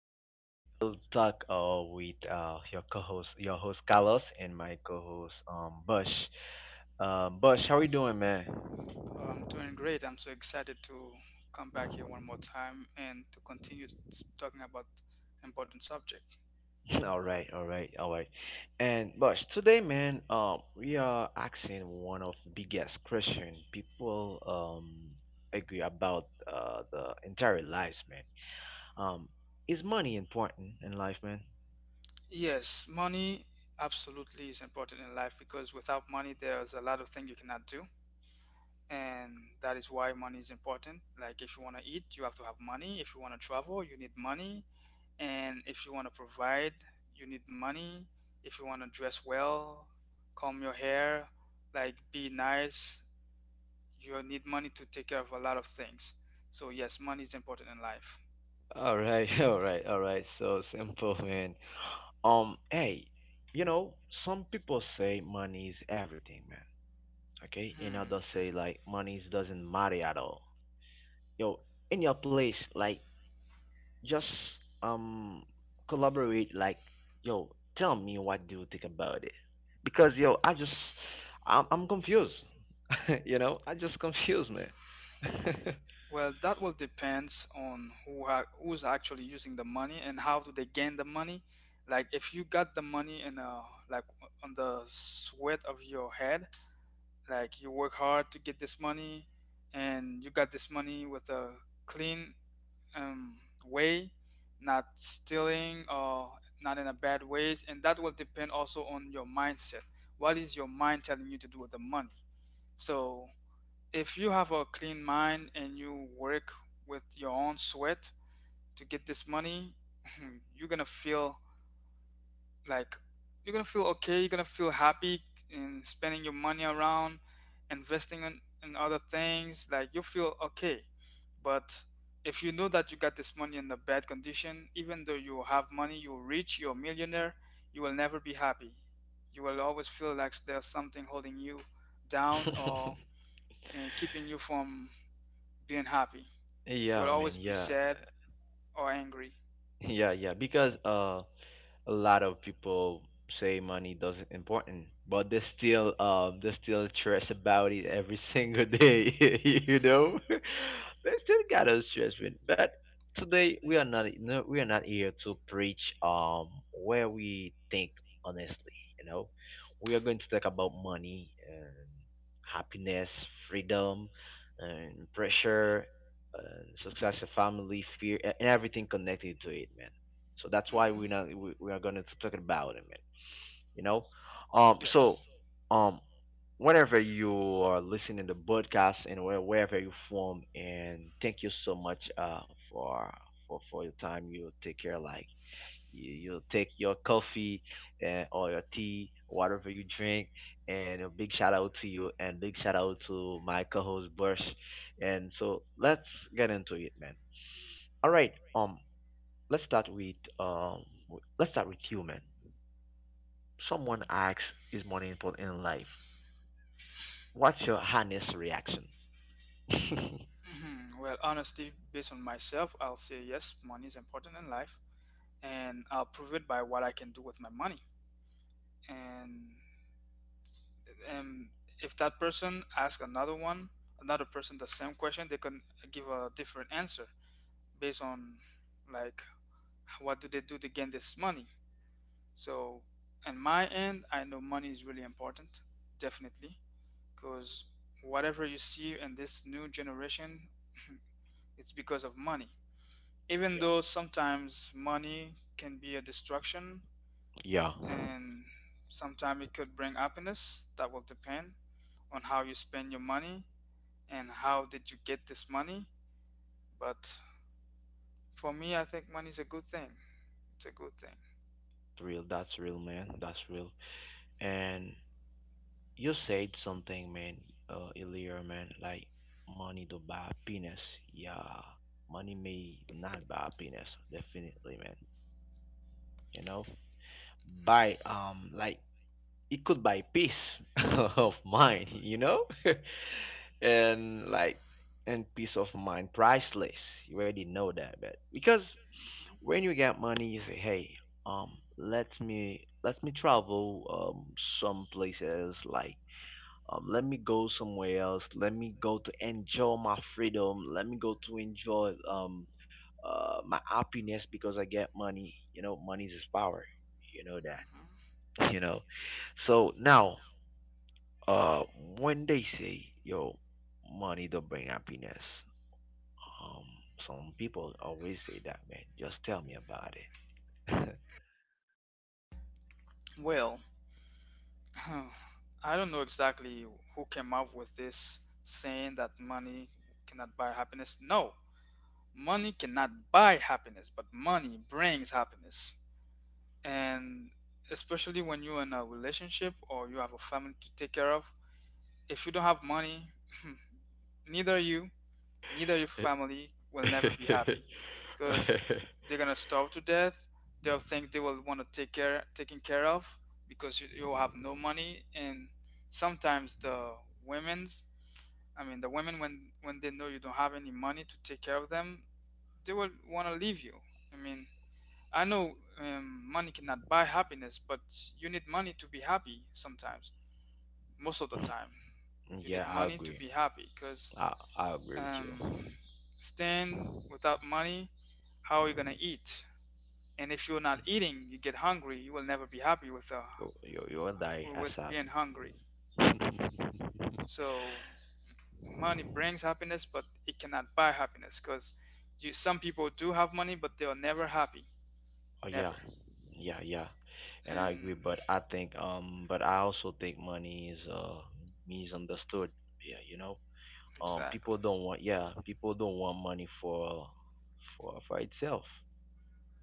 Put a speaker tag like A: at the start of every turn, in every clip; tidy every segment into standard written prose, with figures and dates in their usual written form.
A: to We'll Talk with your your host Carlos, and my co-host Bush. Bush, how are you doing, man?
B: Oh, I'm doing great. I'm so excited to come back here one more time and to continue talking about important subject.
A: All right, all right, all right. And Bush, today, man, we are asking one of the biggest question people agree about the entire lives, man. Um, is money important in life, man?
B: Yes, money absolutely is important in life because without money there's a lot of things you cannot do. And that is why money is important. Like if you want to eat, you have to have money. If you want to travel, you need money. And if you want to provide, you need money. If you want to dress well, comb your hair, like be nice, you need money to take care of a lot of things. So yes, money is important in life.
A: All right, all right, all right. So simple, man. Hey, you know, some people say money is everything, man. Okay, and
B: Hmm.
A: others say like doesn't matter at all. Yo, in your place, like just um collaborate. Like, yo, tell me what do you think about it? Because yo, I just I'm confused. You know, I just confused, man.
B: Well, that will depends on who's actually using the money and how do they gain the money. Like if you got the money in a like on the sweat of your head, like you work hard to get this money, and you got this money with a clean um, way, not stealing or not in a bad ways, and that will depend also on your mindset. What is your mind telling you to do with the money? So if you have a clean mind and you work with your own sweat to get this money, you're gonna feel like you're gonna feel okay, you're gonna feel happy in spending your money around, investing in other things, like you feel okay. But if you know that you got this money in a bad condition, even though you have money, you're rich, you're a millionaire, you will never be happy. You will always feel like there's something holding you down or keeping you from being happy. You
A: Yeah,
B: will
A: man.
B: always be
A: Yeah,
B: sad or angry.
A: yeah, yeah. Because a lot of people say money doesn't important, but they still stress about it every single day. You know,
B: hmm
A: they still got us stress with. But today we are not no, we are not here to preach where we think honestly. You know, we are going to talk about money and happiness, freedom, and pressure, and success, and family, fear, and everything connected to it, so that's why we're
B: hmm
A: not we, we are gonna talk about it, man. You know, um,
B: Yes.
A: so um, whenever you are listening to podcast and wherever you from, and thank you so much for for your time. You take care, like you take your coffee and or your tea, whatever you drink, and a big shout out to you and big shout out to my co-host Bush. And so let's get into it, man. All right. Let's start with you, man. Someone asks, "Is money important in life?" What's your honest reaction? Mhm.
B: Mhm. Well, honestly, based on myself, I'll say yes, money is important in life, and I'll prove it by what I can do with my money. And um, if that person asks another person the same question, they can give a different answer based on like what do they do to gain this money. So, in my end, I know money is really important, definitely, because whatever you see in this new generation, it's because of money.
A: Yeah.
B: Even though sometimes money can be a distraction,
A: Yeah, it's
B: and sometimes it could bring happiness, that will depend on how you spend your money and how did you get this money. But for me, I think money is a good thing. It's a good thing.
A: real. That's real, man. That's real. And you said something, man, earlier, man, like money to buy happiness. Yeah, money may not buy happiness, definitely, man. You know, buy like it could buy peace of mind, you know, and like and peace of mind, priceless. You already know that, but because when you get money, you say, hey, um, let me travel some places like let me go somewhere else, let me go to enjoy my freedom, let me go to enjoy my happiness, because I get money. You know, money is power, you know
B: Mhm.
A: that. You know, so now uh when they say, yo, money don't bring happiness, um some people always say that, man. Just tell me about
B: Well, I don't know exactly who came up with this saying that money cannot buy happiness. No, money cannot buy happiness, but money brings happiness. And especially when you're in a relationship or you have a family to take care of, if you don't have money, neither you, neither your
A: it.
B: family will never be happy, because they're gonna starve to death. They'll think they will want to take care, taken care of, because you'll have no money. And sometimes the women's I mean the women, when they know you don't have any money to take care of them, they will want to leave you. I mean, I know money cannot buy happiness, but you need money to be happy sometimes. Most of the time, you
A: Yeah,
B: need
A: I
B: money to
A: agree.
B: be happy because
A: I agree with
B: um,
A: you.
B: staying without money, how are you gonna eat? And if you're not eating, you get hungry. You will never be happy
A: You and I as
B: with being hungry.
A: Oh,
B: So money brings happiness, but it cannot buy happiness because some people do have money, but they are never happy.
A: yeah,
B: Never.
A: yeah, yeah, and I agree.
B: And
A: But I think, but I also think money is misunderstood. Yeah, you know,
B: exactly.
A: people don't want, yeah, people don't want money for itself.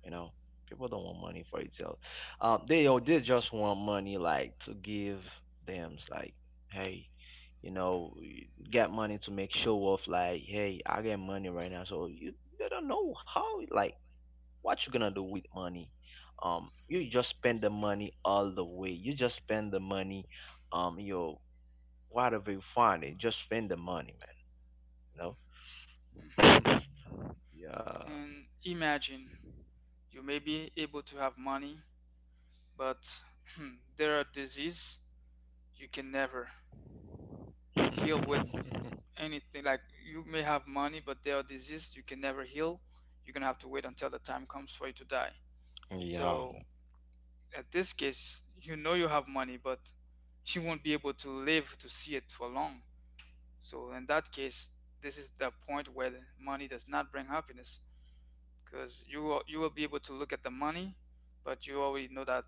A: You know, people don't want money for itself. They don't, they just want money like to give them. It's like, hey, you know, get money to make show off. Like, hey, I get money right now, so you they don't know how like what you gonna do with money. You just spend the money all the way, you just spend the money. Your Whatever you find, it just spend the money, man, you know.
B: Hmm.
A: Yeah.
B: And imagine, you may be able to have money, but there are diseases you can never heal with anything. Like you may have money, but there are diseases you can never heal. You're gonna have to wait until the time comes for you to die.
A: Yeah.
B: So at this case, you know you have money, but you won't be able to live to see it for long. So in that case, this is the point where the money does not bring happiness. Because you will be able to look at the money, but you already know that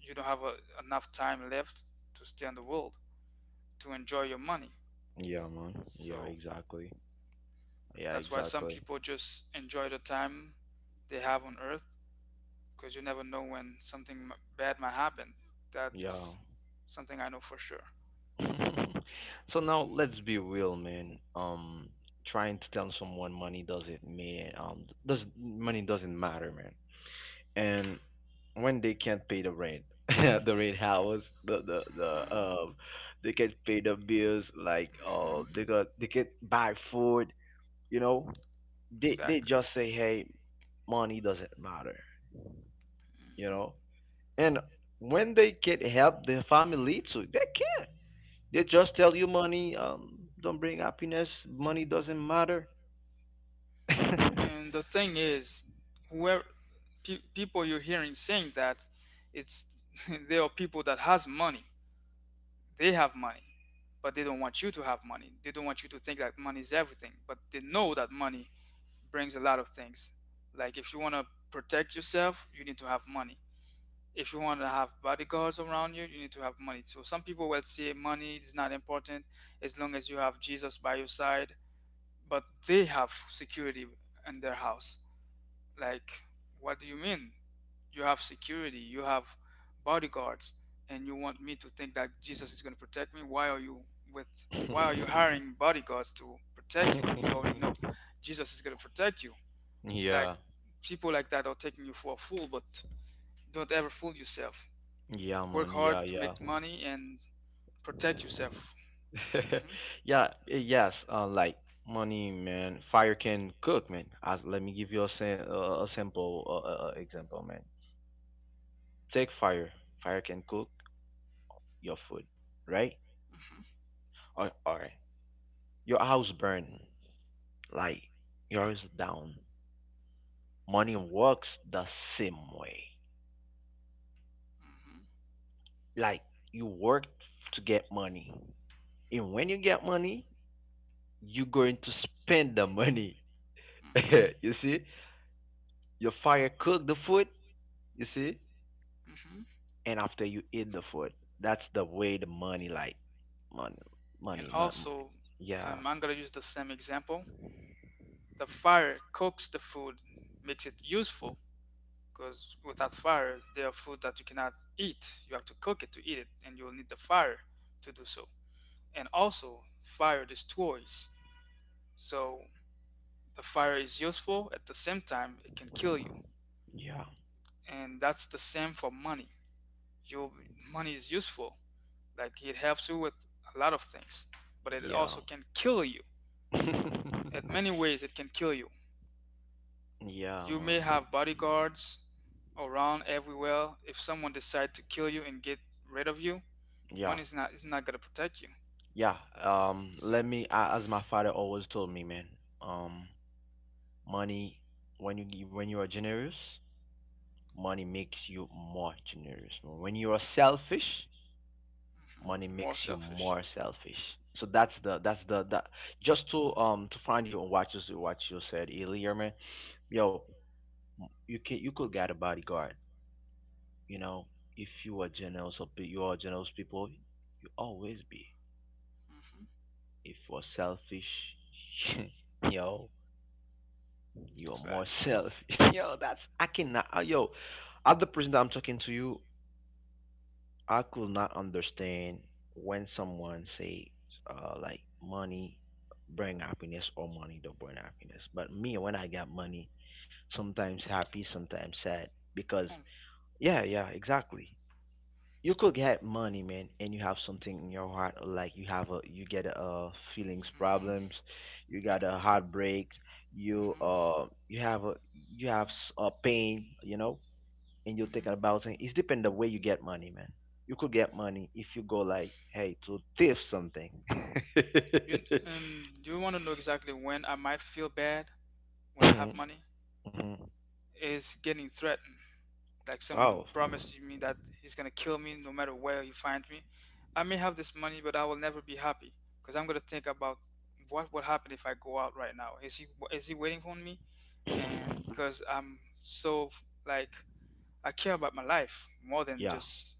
B: you don't have a, enough time left to stay on the world to enjoy your money.
A: Yeah, man. Yeah,
B: So
A: exactly. Yeah,
B: that's why some
A: exactly.
B: people just enjoy the time they have on Earth, because you never know when something bad might happen.
A: Yeah.
B: That's something I know for sure.
A: So now let's be real, man. Trying to tell someone money doesn't matter. And when they can't pay the rent, the rent house the the the
B: Hmm.
A: um they can not pay the bills, like
B: Hmm.
A: they can not buy food, you know. They
B: Exactly.
A: just say, hey, money doesn't matter, you know. And when they can not help their family too, they can not, they just tell you money don't bring happiness, money doesn't matter.
B: And the thing is, whoever people you're hearing saying that, it's they are people that has money. They have money, but they don't want you to have money. They don't want you to think that money is everything, but they know that money brings a lot of things. Like if you want to protect yourself, you need to have money. If you want to have bodyguards around you, you need to have money. So some people will say money is not important as long as you have Jesus by your side, but they have security in their house. Like, what do you mean? You have security, you have bodyguards, and you want me to think that Jesus is going to protect me? With why are you hiring bodyguards to protect you when you already know Jesus is going to protect you? It's like
A: Yeah,
B: people like that are taking you for a fool, but don't ever fool yourself.
A: yeah,
B: Work
A: man, yeah,
B: hard to
A: yeah.
B: make money and protect yourself. Hmm.
A: Yeah, yes. Like, money, man. Fire can cook, man. Let me give you a a simple example, man. Take fire. Fire can cook your food, right?
B: Hmm.
A: Or your house burn, like yours down. Money works the same way. Like, you work to get money, and when you get money, you're going to spend the money.
B: Hmm.
A: You see, your fire cook the food. You see
B: Hmm.
A: and after you eat the food. That's the way the money, like money,
B: And
A: money, money.
B: also,
A: Yeah,
B: I'm going to use the same example. The fire cooks the food, makes it useful, because without fire there are food that you cannot eat. You have to cook it to eat it, and you will need the fire to do so. And also fire destroys. So the fire is useful; at the same time, it can kill you.
A: yeah,
B: And that's the same for money. Your money is useful, like it helps you with a lot of things, but it
A: yeah.
B: also can kill you. At many ways it can kill you.
A: Yeah,
B: You may
A: man.
B: have bodyguards around everywhere. If someone decides to kill you and get rid of you,
A: Yeah,
B: Money is not gonna protect you.
A: yeah.
B: So
A: As my father always told me, man. Um, money when you gi- When you are generous, money makes you more generous. When you are selfish,
B: mhm,
A: money
B: more
A: makes you
B: selfish.
A: more selfish. So that's the that just to find you on what you said earlier, man. Yo, you could get a bodyguard. You know, if you are you are generous people, you always be.
B: Hmm.
A: If you're selfish, yo, you're more
B: Exactly.
A: selfish. Yo, that's I cannot. Yo, at the person that I'm talking to you, I could not understand when someone says like money bring happiness or money don't bring happiness. But me, when I get money, sometimes happy, sometimes sad because yeah, yeah, exactly. You could get money, man, and you have something in your heart, like you have a you get feelings
B: Mm-hmm.
A: problems, you
B: Yeah.
A: got a heartbreak,
B: Hmm.
A: you have a you have a pain, you know, and you think
B: Hmm.
A: about it. It's depend the way you get money, man. You could get money if you go like, hey, to thief something.
B: You do you want to know exactly when I might feel bad when I have
A: Mhm,
B: money?
A: mhm.
B: Is getting threatened. Like
A: Oh.
B: someone promises me that he's gonna kill me no matter where he finds me. I may have this money, but I will never be happy because I'm gonna think about what would happen if I go out right now. Is he waiting for me? And because I'm so like I care about my life more than
A: Yeah,
B: just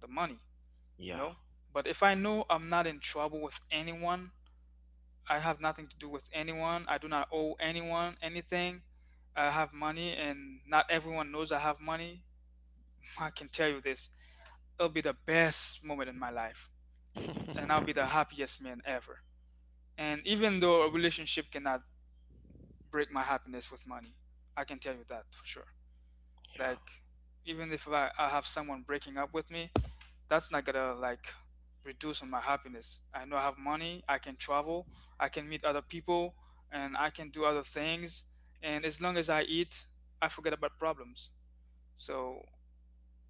B: the money, you
A: yeah.
B: know? But if I know I'm not in trouble with anyone, I have nothing to do with anyone, I do not owe anyone anything, I have money, and not everyone knows I have money, I can tell you this. It'll be the best moment in my life, and I'll be the happiest man ever. And even though a relationship cannot break my happiness with money, I can tell you that for sure.
A: Yeah.
B: Like, even if I, I have someone breaking up with me, that's not gonna like reduce on my happiness. I know I have money, I can travel, I can meet other people, and I can do other things. And as long as I eat, I forget about problems. So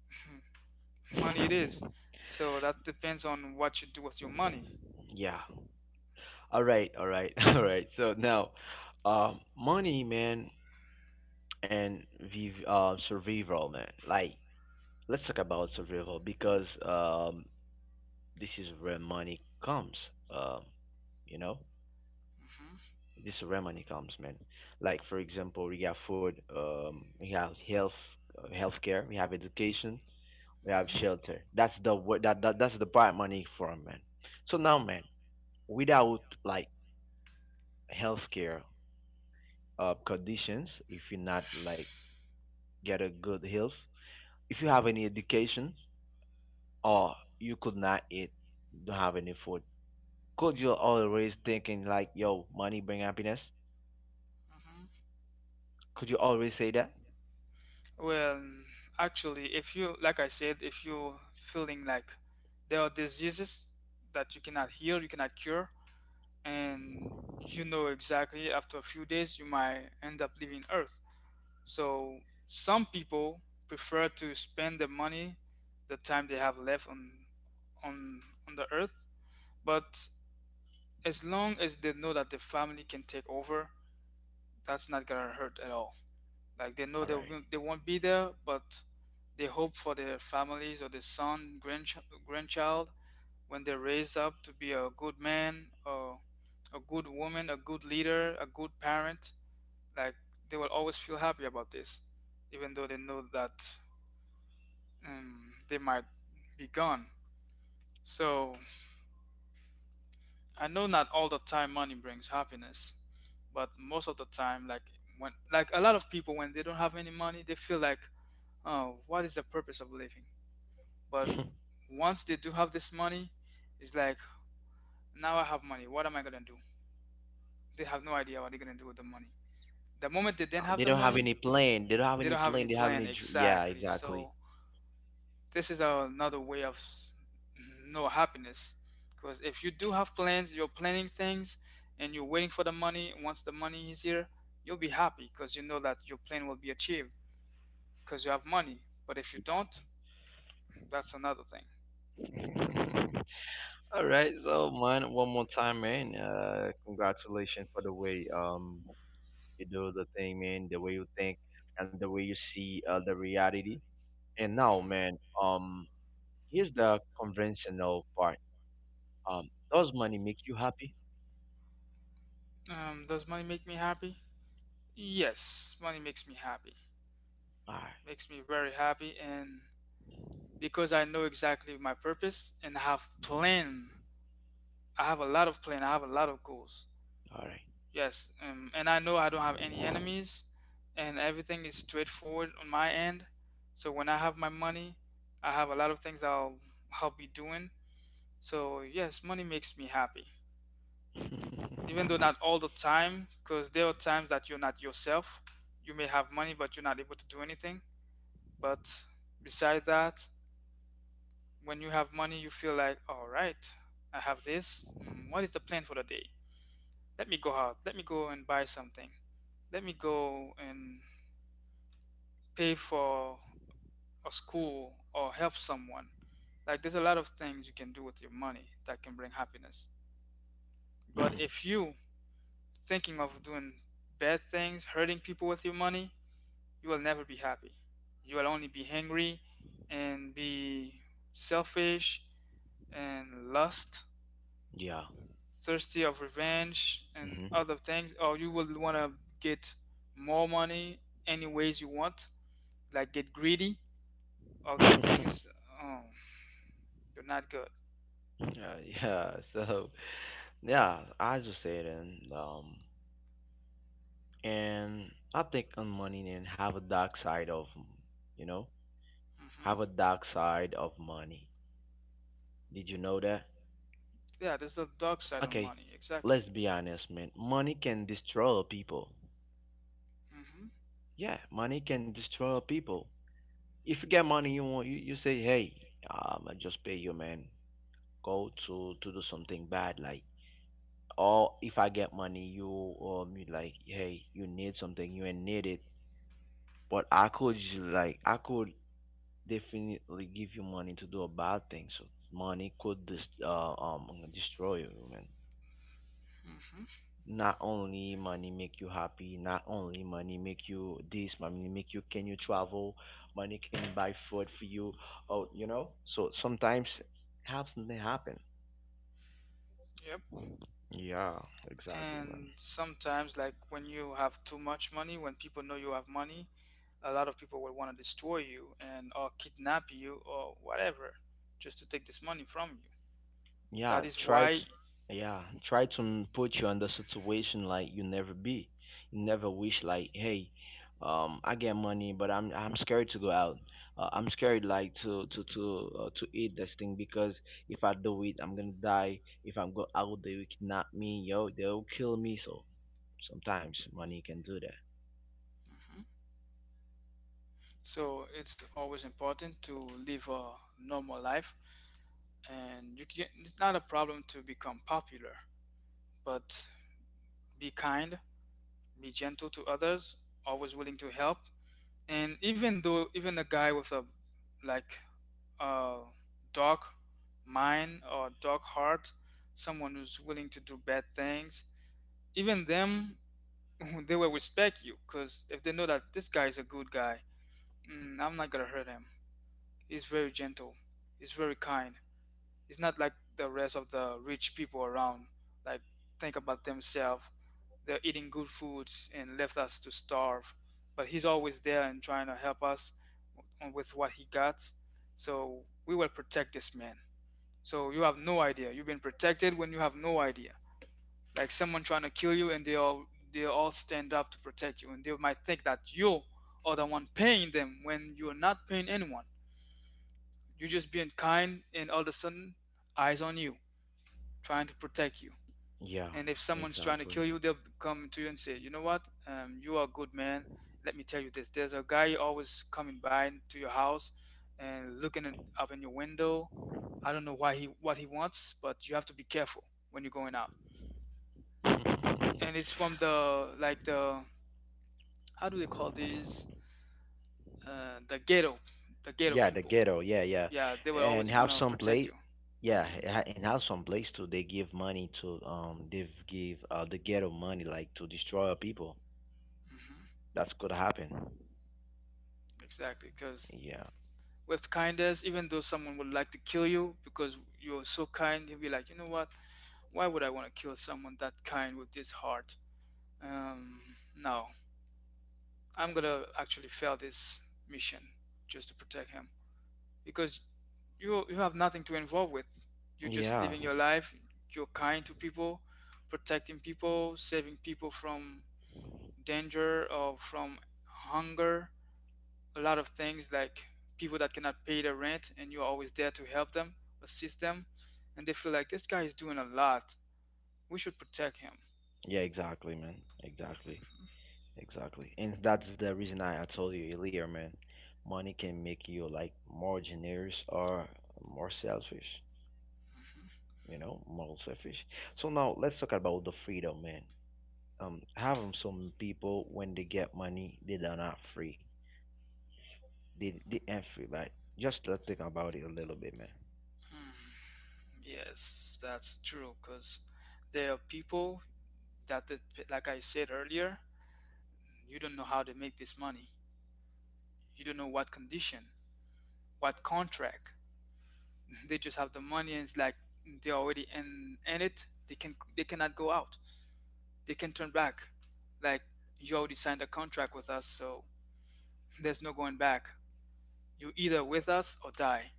B: money it is. So that depends on what you do with your money.
A: Yeah. All right, all right. So now, money, man, and survival, man. Like, let's talk about survival, because this is where money comes. Um, you know,
B: Hmm.
A: this is where money comes, man. Like, for example, we have food, we have health, healthcare, we have education, we have
B: Hmm.
A: shelter. That's the wo- that, that that's the part money for, man. So now, man, without like healthcare conditions, if you're not like get a good health, if you have any education, or you could not eat, don't have any food, could you always thinking like, yo, money bring happiness?
B: Hmm.
A: Could you always say that?
B: Well, actually, if you like I said, if you're feeling like there are diseases that you cannot heal, you cannot cure, and you know exactly after a few days you might end up leaving Earth. So some people prefer to spend the money, the time they have left on on the Earth, but as long as they know that the family can take over, that's not gonna hurt at all. Like they know
A: All right.
B: they won't be there, but they hope for their families or their son, grandchild. When they're raised up to be a good man or a good woman, a good leader, a good parent, like they will always feel happy about this, even though they know that they might be gone. So I know not all the time money brings happiness, but most of the time, like when like a lot of people, when they don't have any money, they feel like, oh, what is the purpose of living? But once they do have this money, it's like, now I have money. What am I gonna do? They have no idea what they're gonna do with the money. The moment they don't have
A: They
B: the
A: don't have
B: money,
A: any plan. They don't have
B: they
A: any
B: don't have
A: plan.
B: any
A: They have any.
B: plan
A: Dr- Yeah,
B: exactly.
A: exactly.
B: So this is a, another way of no happiness. Because if you do have plans, you're planning things, and you're waiting for the money. Once the money is here, you'll be happy because you know that your plan will be achieved because you have money. But if you don't, that's another thing.
A: All right, so, man, one more time, man. Congratulations for the way you do the thing, man. The way you think and the way you see the reality. And now,
B: Hmm.
A: man, um, here's the conventional part. Does money make you happy?
B: Does money make me happy? Yes, money makes me happy.
A: Ah,
B: Makes me very happy, and because I know exactly my purpose and have plan. I have a lot of plan. I have a lot of goals.
A: all right.
B: Yes, and I know I don't have any enemies, and everything is straightforward on my end. So when I have my money, I have a lot of things I'll be doing. So yes, money makes me happy, even though not all the time, because there are times that you're not yourself. You may have money, but you're not able to do anything. But besides that, when you have money, you feel like, all right, I have this. What is the plan for the day? Let me go out. Let me go and buy something. Let me go and pay for a school or help someone. Like, there's a lot of things you can do with your money that can bring happiness. But if you thinking of doing bad things, hurting people with your money, you will never be happy. You will only be hangry and be selfish and lust
A: Yeah.
B: thirsty of revenge and
A: Hmm.
B: other things, or you will want to get more money any ways you want, like get greedy. All these
A: Yeah,
B: things, oh, they're not good.
A: yeah. So, yeah, I just said, and I think on money and have a dark side of, you know,
B: Hmm.
A: have a dark side of money. Did you know that?
B: Yeah, there's the dark side of
A: Okay,
B: money, exactly.
A: let's be honest, man. Money can destroy people.
B: Hmm.
A: Yeah, money can destroy people. If you get money, you say, hey, I just pay you, man, go to do something bad, like, or if I get money, you like, hey, you need something, you ain't need it, but I could definitely give you money to do a bad thing. So money could destroy you, man.
B: Hmm.
A: Not only money make you happy, not only money make you this, money make you can you travel, money can buy food for you. Oh, you know, so sometimes have something happen.
B: Yep.
A: Yeah, exactly.
B: And sometimes, like when you have too much money, when people know you have money, a lot of people will want to destroy you and or kidnap you or whatever, just to take this money from you.
A: Yeah,
B: That is
A: try
B: why.
A: to. Yeah, try to put you in the situation, like, you never be you never wish, like, hey, I get money, but I'm scared to go out, I'm scared like to eat this thing, because if I do it, I'm gonna die, if I'm go out, they will kidnap me, yo, they'll kill me. So sometimes money can do that.
B: Mhm. So it's always important to live a normal life, and you can, it's not a problem to become popular, but be kind, be gentle to others, always willing to help. And even though even a guy with a, like, a dark mind or dark heart, someone who's willing to do bad things, even them they will respect you because if they know that this guy is a good guy, I'm not gonna hurt him. He's very gentle. He's very kind. He's not like the rest of the rich people around, like, think about themselves. They're eating good foods and left us to starve, but he's always there and trying to help us with what he got. So we will protect this man. So you have no idea you've been protected. When you have no idea, like, someone trying to kill you, and they all stand up to protect you, and they might think that you are the one paying them when you're not paying anyone. You're just being kind, and all of a sudden, eyes on you, trying to protect you.
A: Yeah,
B: And if someone's trying to
A: exactly.
B: kill you, they'll come to you and say, you know what, you are a good man. Let me tell you this, there's a guy always coming by to your house and looking at, up in your window. I don't know why he what he wants, but you have to be careful when you're going out. And it's from, the like, the, how do we call these? uh, the ghetto the ghetto
A: Yeah, the
B: people.
A: ghetto. Yeah, yeah,
B: Yeah, they will
A: and
B: always want
A: have
B: to
A: some
B: protect
A: place.
B: you.
A: Yeah,
B: Hmm.
A: and have some place too. They give money to they give the ghetto money like to destroy people.
B: Hmm.
A: That's could happen.
B: Exactly, because
A: Yeah,
B: with kindness, even though someone would like to kill you because you're so kind, he will be like, you know what, why would I want to kill someone that kind with this heart? um no, I'm gonna actually fail this mission just to protect him. Because you have nothing to involve with. You're just
A: yeah,
B: living your life. You're kind to people, protecting people, saving people from danger or from hunger. A lot of things, like people that cannot pay their rent, and you're always there to help them, assist them, and they feel like this guy is doing a lot. We should protect him.
A: yeah. Exactly, man. Exactly, exactly. And that's the reason I told you earlier, man. Money can make you like more generous or more selfish. You know, more selfish. So now let's talk about the freedom, man. Having some people, when they get money, they are not free, they ain't free, right? Just to think about it a little bit,
B: Yes, that's true. Cause there are people that, like I said earlier, you don't know how they make this money. You don't know what condition, what contract. They just have the money, and it's like they're already in it. They cannot go out. They can turn back. Like, you already signed a contract with us, so there's no going back. You either with us or die.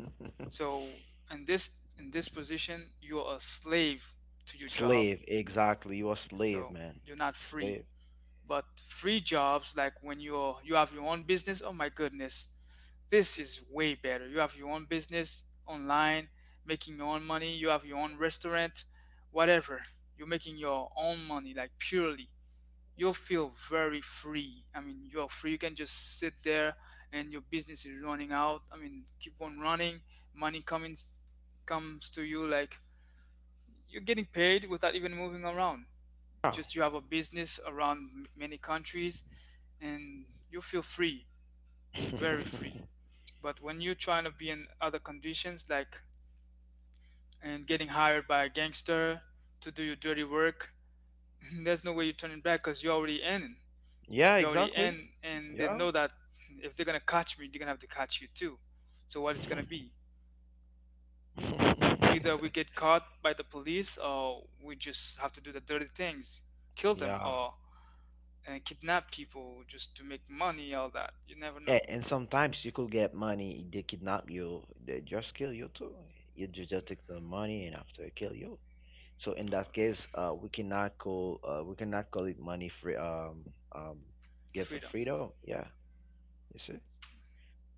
A: man.
B: So in this position, you're a slave to your job.
A: Slave, exactly, you a slave,
B: So
A: man.
B: you're not free.
A: Slave.
B: But free jobs, like when you have your own business, oh my goodness, this is way better. You have your own business online, making your own money. You have your own restaurant, whatever. You're making your own money, like purely. You'll feel very free. I mean, you're free. You can just sit there, and your business is running out. I mean, keep on running. Money comes to you, like, you're getting paid without even moving around.
A: Yeah.
B: Just you have a business around many countries, and you feel free. Very free. But when you're trying to be in other conditions, like, and getting hired by a gangster to do your dirty work, there's no way you're turning back because you already in
A: Yeah,
B: you already
A: exactly.
B: in and they
A: Yeah.
B: know that if they're gonna catch me, they're gonna have to catch you too. So what it's gonna be? Either we get caught by the police, or we just have to do the dirty things, kill them,
A: Yeah,
B: or and kidnap people just to make money, all that. You never know.
A: and sometimes you could get money, they kidnap you, they just kill you too. You just take the money and after they kill you. So in
B: Uh,
A: that case, we cannot call it money free, um gives of
B: Freedom.
A: freedom. Yeah, you see,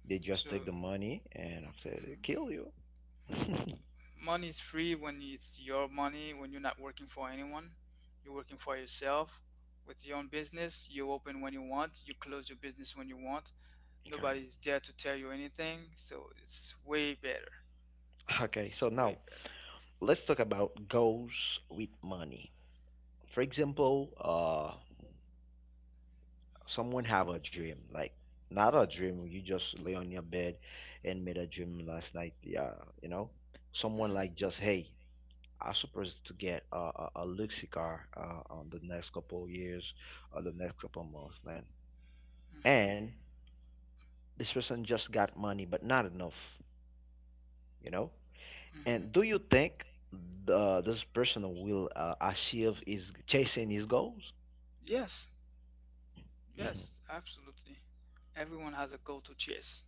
A: they just
B: So
A: take the money and after they kill you. Okay.
B: money is free when it's your money, when you're not working for anyone. You're working for yourself with your own business. You open when you want. You close your business when you want. Nobody's there to tell you anything. So it's way better.
A: Okay.
B: It's
A: So
B: way
A: now
B: better.
A: let's talk about goals with money. For example, someone have a dream, like not a dream you just lay on your bed and made a dream last night. Yeah, you know, someone
B: Hmm.
A: like just, hey, I supposed to get a luxury car on the next couple of years or the next couple of months, man.
B: Hmm.
A: And this person just got money, but not enough, you know.
B: Hmm.
A: And do you think the this person will achieve his chasing his goals?
B: Yes. Yes. Absolutely. Everyone has a goal to chase.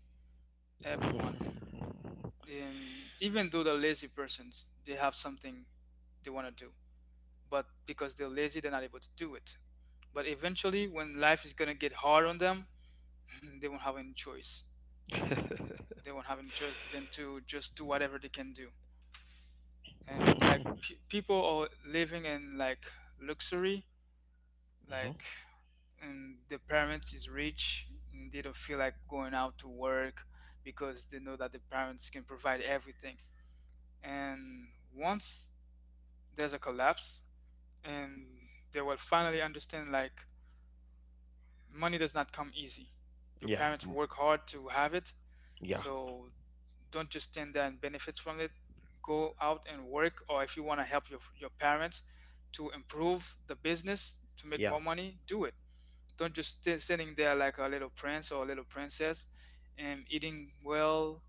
B: Everyone. Even though they're lazy persons, they have something they want to do. But because they're lazy, they're not able to do it. But eventually, when life is gonna get hard on them, they won't have any choice.
A: Mhm.
B: They won't have any choice than to just do whatever they can do. And like pe people are living in, like, luxury, like, and the parents is rich. And they don't feel like going out to work because they know that the parents can provide everything. And once there's a collapse, and they will finally understand, like, money does not come easy. Your
A: Yeah,
B: parents
A: mm,
B: work hard to have it,
A: yeah,
B: so don't just stand there and benefit from it. Go out and work, or if you want to help your parents to improve the business to make
A: yeah,
B: more money, do it. Don't just stay sitting there like a little prince or a little princess and eating well.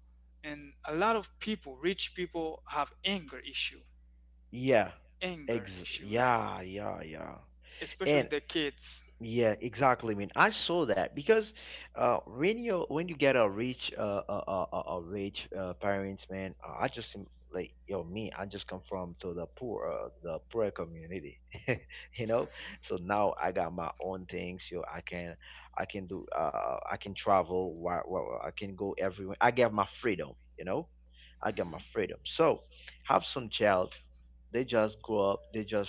B: And a lot of people, rich people, have
A: yeah. Ex
B: anger issue, like,
A: Yeah, yeah, yeah.
B: especially
A: And
B: the kids.
A: yeah, exactly. I mean, I saw that because when you get a rich rich parents, man, I just like yo me. I just come from to the poor community, you know.
B: Mhm,
A: So now I got my own things. Yo, I can do I can travel. Why, I can go everywhere. I get my freedom, you know. I get my
B: mhm.
A: freedom. So have some child. They just grow up. They just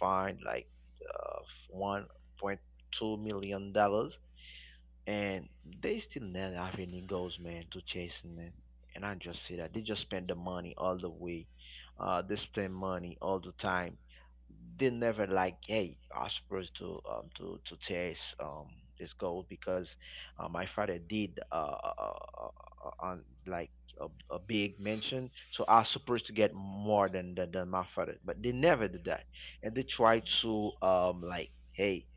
A: find like uh, $1.2 million, and they still not have any goals, man, to chasing, man. And I just see that they just spend the money all the way. They spend money all the time. They never like, hey, I'm supposed to chase this goal because my father did uh on like a big mention. So I was supposed to get more than, than my father, but they never did that, and they try to like, hey,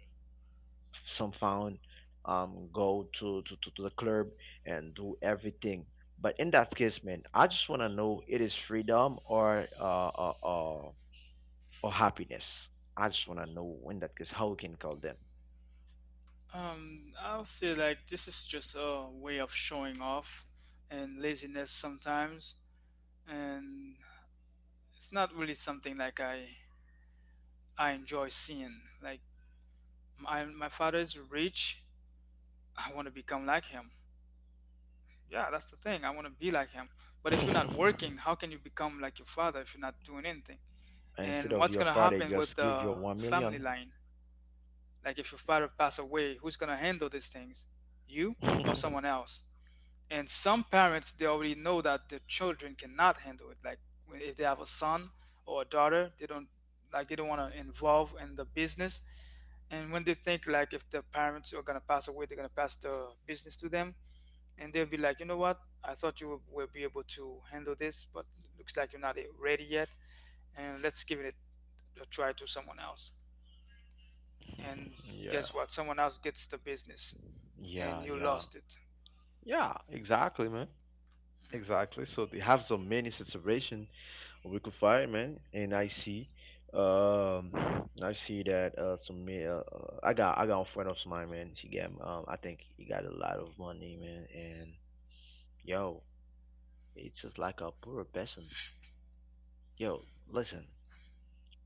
A: some found go to the club and do everything. But in that case, man, I just want to know, it is freedom or happiness. I just want to know, in that case, how we can call them.
B: I'll say, like, this is just a way of showing off and laziness sometimes, and it's not really something like I enjoy seeing. Like, my father is rich, I want to become like him. Yeah, that's the thing. I want to be like him. But if you're not working, how can you become like your father if you're not doing anything?
A: Instead
B: And
A: of
B: what's
A: your
B: gonna
A: father
B: happen with
A: just give
B: the
A: your one
B: family
A: million
B: line? Like, if your father pass away, who's gonna handle these things? You or
A: Yeah.
B: someone else? And some parents, they already know that their children cannot handle it, like, if they have a son or a daughter, they don't, want to involve in the business. And when they think, like, if the parents are going to pass away, they're going to pass the business to them, and they'll be like, you know what, I thought you will be able to handle this, but looks like you're not ready yet, and let's give it a try to someone else. And guess what, someone else gets the business, and
A: Yeah,
B: you
A: yeah.
B: lost it.
A: Yeah, exactly, man.
B: Hmm.
A: Exactly. So they have so many situation we could find, man. And um, I see that I got a friend of mine, man. She got I think he got a lot of money, man. And yo, it's just like a poor person. Yo, listen,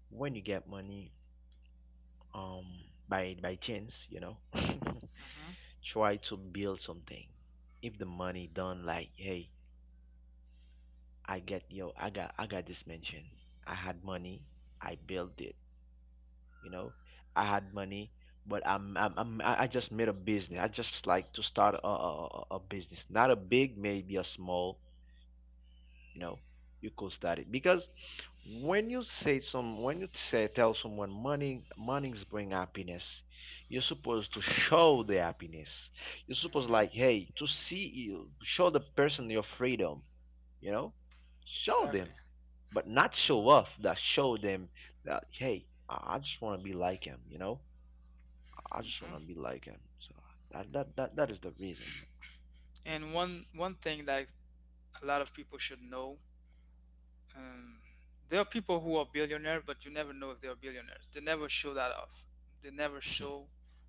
A: when you get money, um, by chance, you know,
B: Hmm.
A: try to build something. If the money done, like, hey, I get yo, I got this mansion. I had money, I built it. You know, I had money, but I just made a business. I just like to start a business, not a big, maybe a small, you know. You could study because when you say some, when you say tell someone money monies bring happiness, you're supposed to show the happiness. You're supposed like,
B: Hmm.
A: hey, to see you show the person your freedom, you know. Show
B: Exactly.
A: them. But not show off, that show them that, hey, I just want to be like him, you know. I just
B: Mm-hmm.
A: want to be like him. So that that is the reason.
B: And one thing that a lot of people should know, um, there are people who are billionaires, but you never know if they are billionaires. They never show that off. They never show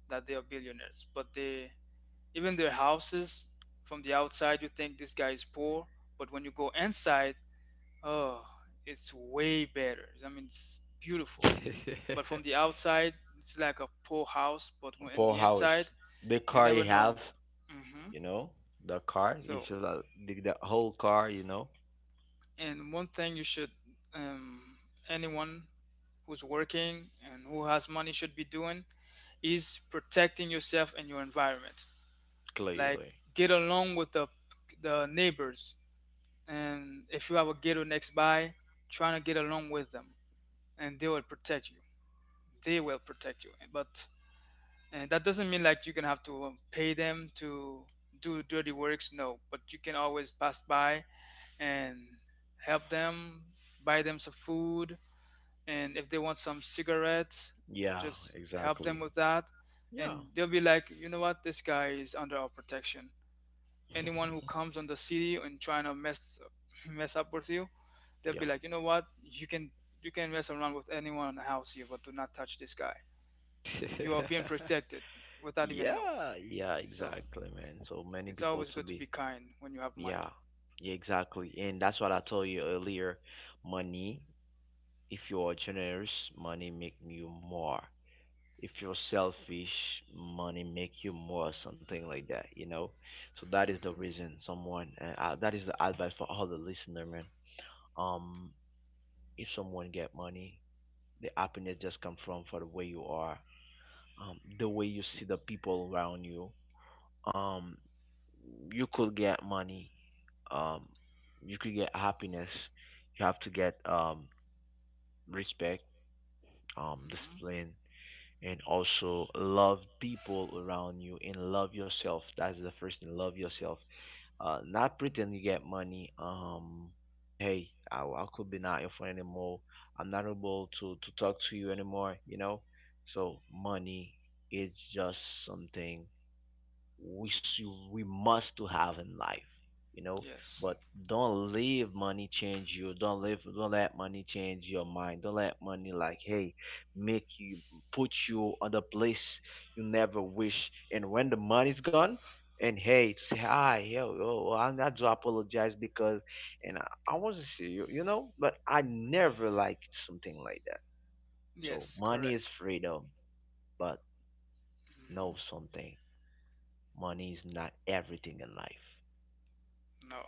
B: that they are billionaires. But they, even their houses, from the outside, you think this guy is poor, but when you go inside, oh, it's way better. I mean, it's beautiful. But from the outside, it's like a poor house, but when in
A: Paul
B: the
A: House,
B: inside,
A: the
B: you
A: car
B: never
A: you have.
B: know. Hmm.
A: You know, the car, it's
B: So.
A: just the, whole car, you know.
B: And one thing you should, um, anyone who's working and who has money should be doing, is protecting yourself and your environment. Like
A: Clearly.
B: get along with the neighbors, and if you have a ghetto next by, trying to get along with them, and they will protect you. They will protect you. But and that doesn't mean like you're gonna have to pay them to do dirty works. No, but you can always pass by and help them, buy them some food, and if they want some cigarettes
A: Yeah,
B: just help them
A: exactly.
B: with that,
A: Yeah.
B: and they'll be like, you know what, this guy is under our protection. Anyone who comes on the city and trying to mess mess up with you, they'll be
A: Yeah.
B: like, you know what, you can mess around with anyone in the house here, but do not touch this guy. You are being protected without even know.
A: Yeah, yeah,
B: So
A: exactly, man. So many
B: it's
A: people
B: always
A: to
B: good to
A: be.
B: be kind when you have money.
A: Yeah, yeah, exactly, and that's what I told you earlier. Money, if you are generous, money make you more. If you're selfish, money make you more, something like that, you know. So that is the reason someone, and that is the advice for all the listener, man. um if someone get money, the happiness just come from for the way you are, the way you see the people around you. um you could get money, um you could get happiness. You have to get respect,
B: Hmm.
A: discipline, and also love people around you and love yourself. That's the first thing, love yourself. Not pretend you get money. Hey, I could be not your friend anymore. I'm not able to talk to you anymore, you know. So money is just something we we must to have in life, you know.
B: Yes.
A: But don't leave money change you, don't live, don't let money change your mind. Don't let money, like, hey, make you, put you on the place you never wish. And when the money's gone, and, hey, to say, hi, yo yo, I do apologize because, and I want to see you, you know. But I never liked something like that. So
B: Yes,
A: money is
B: correct.
A: freedom, but
B: Hmm.
A: know something, money is not everything in life.
B: No,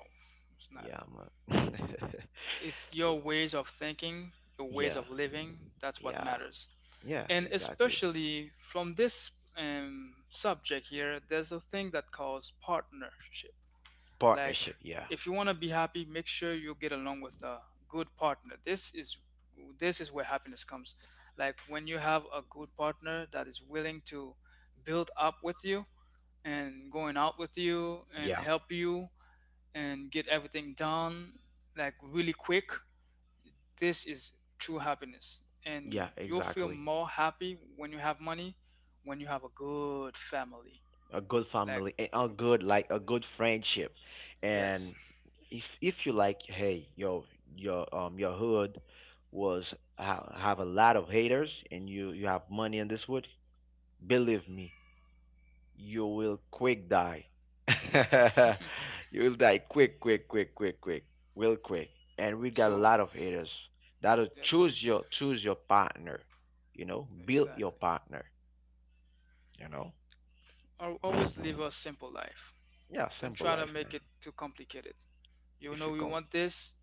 B: it's not.
A: Yeah, man.
B: It's
A: So
B: your ways of thinking, your ways
A: yeah,
B: of living. That's what
A: yeah,
B: matters.
A: yeah,
B: And
A: exactly.
B: especially from this subject here, there's a thing that calls partnership. Like,
A: Partnership, yeah.
B: if you want to be happy, make sure you get along with a good partner. This is where happiness comes. Like when you have a good partner that is willing to build up with you and going out with you and
A: Yeah,
B: help you and get everything done, like really quick, this is true happiness. And
A: yeah,
B: you'll feel
A: exactly.
B: more happy when you have money, when you have a good family.
A: A good
B: Like,
A: family, a
B: uh,
A: good, like a good friendship.
B: yes.
A: And if you, like, hey, yo, your hood was ha have a lot of haters, and you have money in this wood, believe me, you will quick die. You'll die quick, quick, quick, quick, quick, real quick. And we got a
B: So,
A: lot of haters that'll
B: yes,
A: choose your, choose your partner. You know, build your
B: exactly.
A: partner. You know.
B: Always live a simple life.
A: Yeah,
B: Don't
A: simple
B: try to
A: life, man.
B: make it too complicated. You
A: If you
B: know you
A: come,
B: want this,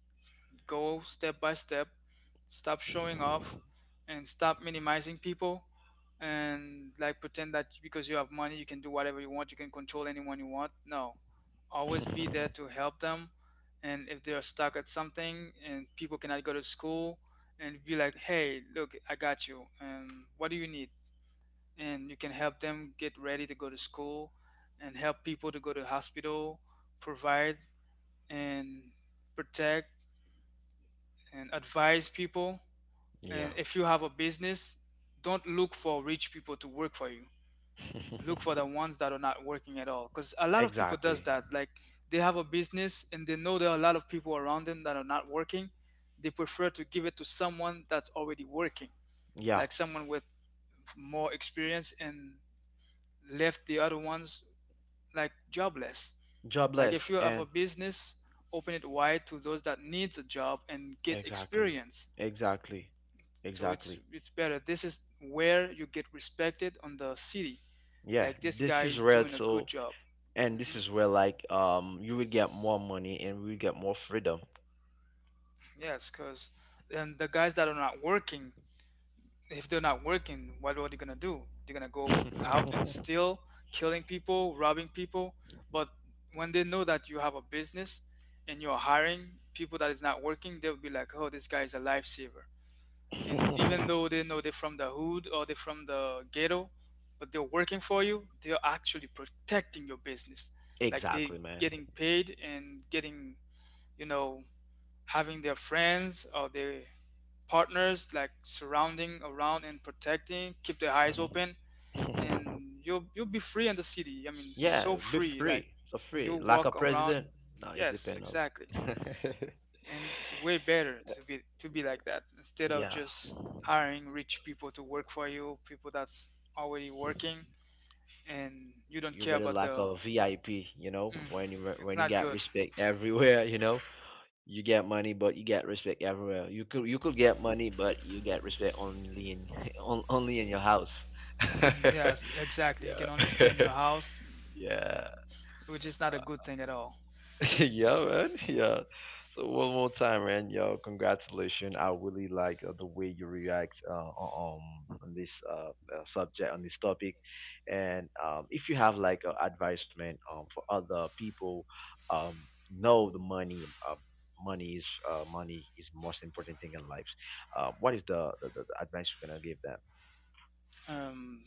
B: go step by step, stop showing off, and stop minimizing people, and like pretend that because you have money, you can do whatever you want, you can control anyone you want. No, always be there to help them. And if they're stuck at something and people cannot go to school, and be like, hey, look, I got you. And what do you need? And you can help them get ready to go to school, and help people to go to hospital, provide and protect and advise people. And
A: yeah,
B: if you have a business, don't look for rich people to work for you. Look for the ones that are not working at all. Because a lot of people does
A: exactly,
B: that. Like they have a business and they know there are a lot of people around them that are not working. They prefer to give it to someone that's already working,
A: yeah,
B: like someone with more experience, and left the other ones like jobless. Like if
A: jobless
B: you have a
A: and
B: business, open it wide to those that needs a job and get
A: exactly,
B: experience.
A: exactly,
B: So it's
A: exactly.
B: it's better. This is where you get respected on the city,
A: Yeah,
B: like this guy
A: this is
B: is
A: red.
B: doing a good
A: So
B: job.
A: and this
B: Hmm.
A: is where, like, you will get more money and we would get more freedom.
B: Yes, because then the guys that are not working, if they're not working, what are they gonna do? They're gonna go out and steal, killing people, robbing people. But when they know that you have a business and you're hiring people that is not working, they'll be like, oh, this guy is a lifesaver. And even though they know they're from the hood or they're from the ghetto, but they're working for you, they're actually protecting your business. Like they
A: Exactly, man.
B: getting paid and getting, you know, having their friends or their partners like surrounding around and protecting, keep their eyes
A: Mhm.
B: open. And you'll be free in the city, I mean,
A: Yeah,
B: so
A: be
B: free, like
A: free. So free.
B: you'll
A: Like a
B: walk around.
A: president. No, it's
B: Yes,
A: depend of.
B: exactly. And it's way better to be like that instead of
A: Yeah.
B: just hiring rich people to work for you, people that's already working, and you don't
A: You
B: care
A: better
B: about
A: like
B: the.
A: a VIP, you know, when you
B: It's
A: when you
B: not
A: get
B: good.
A: respect everywhere, you know. You get money but you get respect everywhere. You could, get money but you get respect only in on, only in your house.
B: Mm, yes, exactly, you can only
A: Yeah.
B: stay in your house,
A: Yeah.
B: which is not a good thing at all.
A: Yeah, man. Yeah. So one more time, man. Yo, congratulations. I really like the way you react on this subject, on this topic. And if you have like advice, man, for other people, um, know the money. Money is money is most important thing in life. What is the, the advice you're gonna give them?
B: um,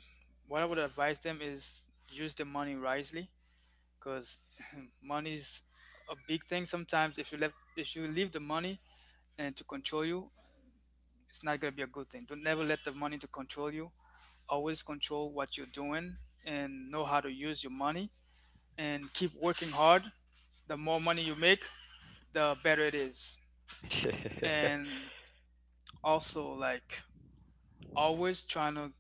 B: what I would advise them is use the money wisely, because money's a big thing. Sometimes if you leave the money and to control you, it's not going to be a good thing. Don't never let the money to control you, always control what you're doing, and know how to use your money, and keep working hard. The more money you make, the better it is. And also, like, always trying to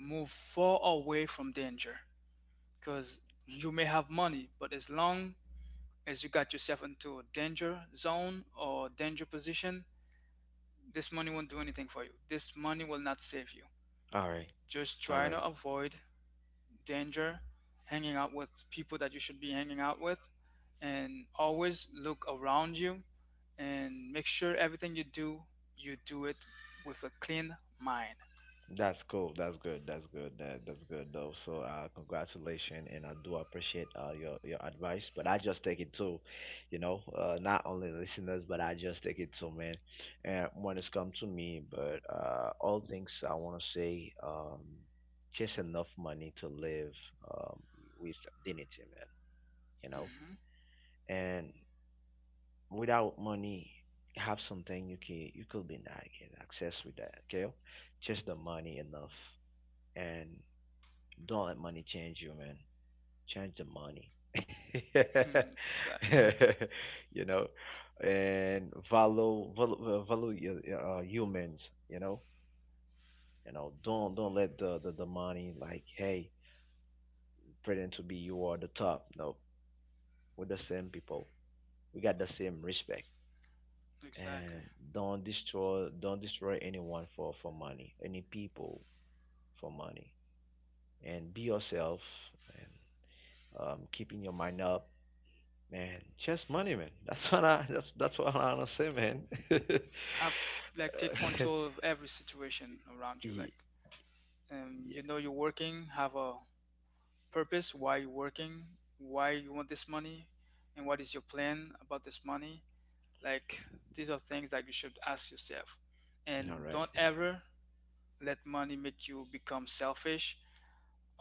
B: move far away from danger, because you may have money, but as long as you got yourself into a danger zone or danger position, this money won't do anything for you. This money will not save you.
A: All right.
B: Just
A: All
B: try
A: right.
B: to avoid danger, hanging out with people that you should be hanging out with, and always look around you and make sure everything you do it with a clean mind.
A: That's cool. That's good. That's good. That that's good though. So uh, congratulations and I do appreciate your advice. But I just take it too, you know, not only listeners, but I just take it too, man. And when it's come to me. But all things I wanna say, just enough money to live um with dignity, man, you know?
B: Hmm.
A: And without money, have something you can, you could be not get access with that, okay? Just the money enough. And don't let money change you, man. Change the money.
B: Hmm, exactly.
A: You know, and value, value humans. You know, you know. Don't let the money, like, hey, pretend to be you are the top. No, we're the same people. We got the same respect.
B: Exactly.
A: And don't destroy anyone for, money. Any people for money. And be yourself and keeping your mind up. Man, just money, man. That's what I, that's what I wanna say, man.
B: Have, like, take
A: Uh,
B: control of every situation around you. Like,
A: Ye-
B: you know, you're working. Have a purpose. Why you're working? Why you want this money? And what is your plan about this money? Like, these are things that you should ask yourself.
A: yeah. All
B: And
A: right.
B: don't ever let money make you become selfish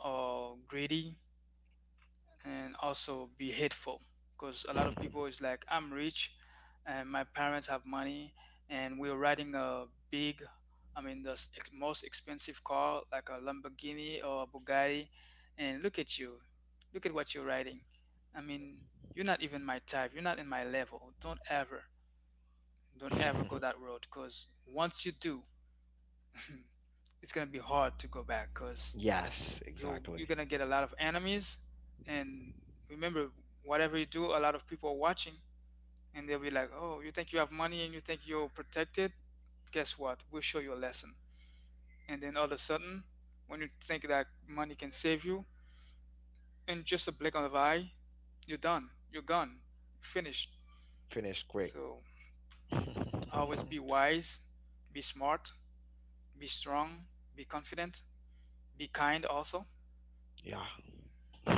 B: or greedy and also be hateful, because a lot of people is like, I'm rich and my parents have money and we're riding a big, I mean, the most expensive car like a Lamborghini or a Bugatti, and look at you, look at what you're riding, I mean, you're not even my type, you're not in my level. Don't ever don't ever go that road, because once you do, it's gonna be hard to go back. Because
A: Yes,
B: you you're
A: exactly.
B: gonna get a lot of enemies. And remember, whatever you do, a lot of people are watching, and they'll be like, oh, you think you have money and you think you're protected, guess what, we'll show you a lesson. And then all of a sudden, when you think that money can save you, in just a blink of an eye, you're done, you're gone. You're finished.
A: Finish quick.
B: So always be wise, be smart, be strong, be confident. Be kind also.
A: Yeah.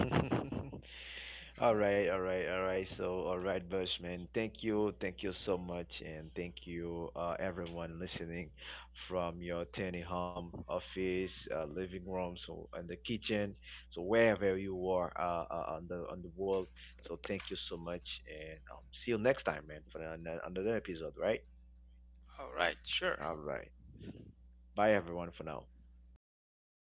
A: All right, all right, all right. So, all right, Bushman. Thank you so much, and thank you, everyone listening from your tiny home, office, living room, so and the kitchen, so wherever you are on the world. So, thank you so much, and see you next time, man, for another episode. Right?
B: All right, sure.
A: All right. Bye, everyone, for now.
B: Bye.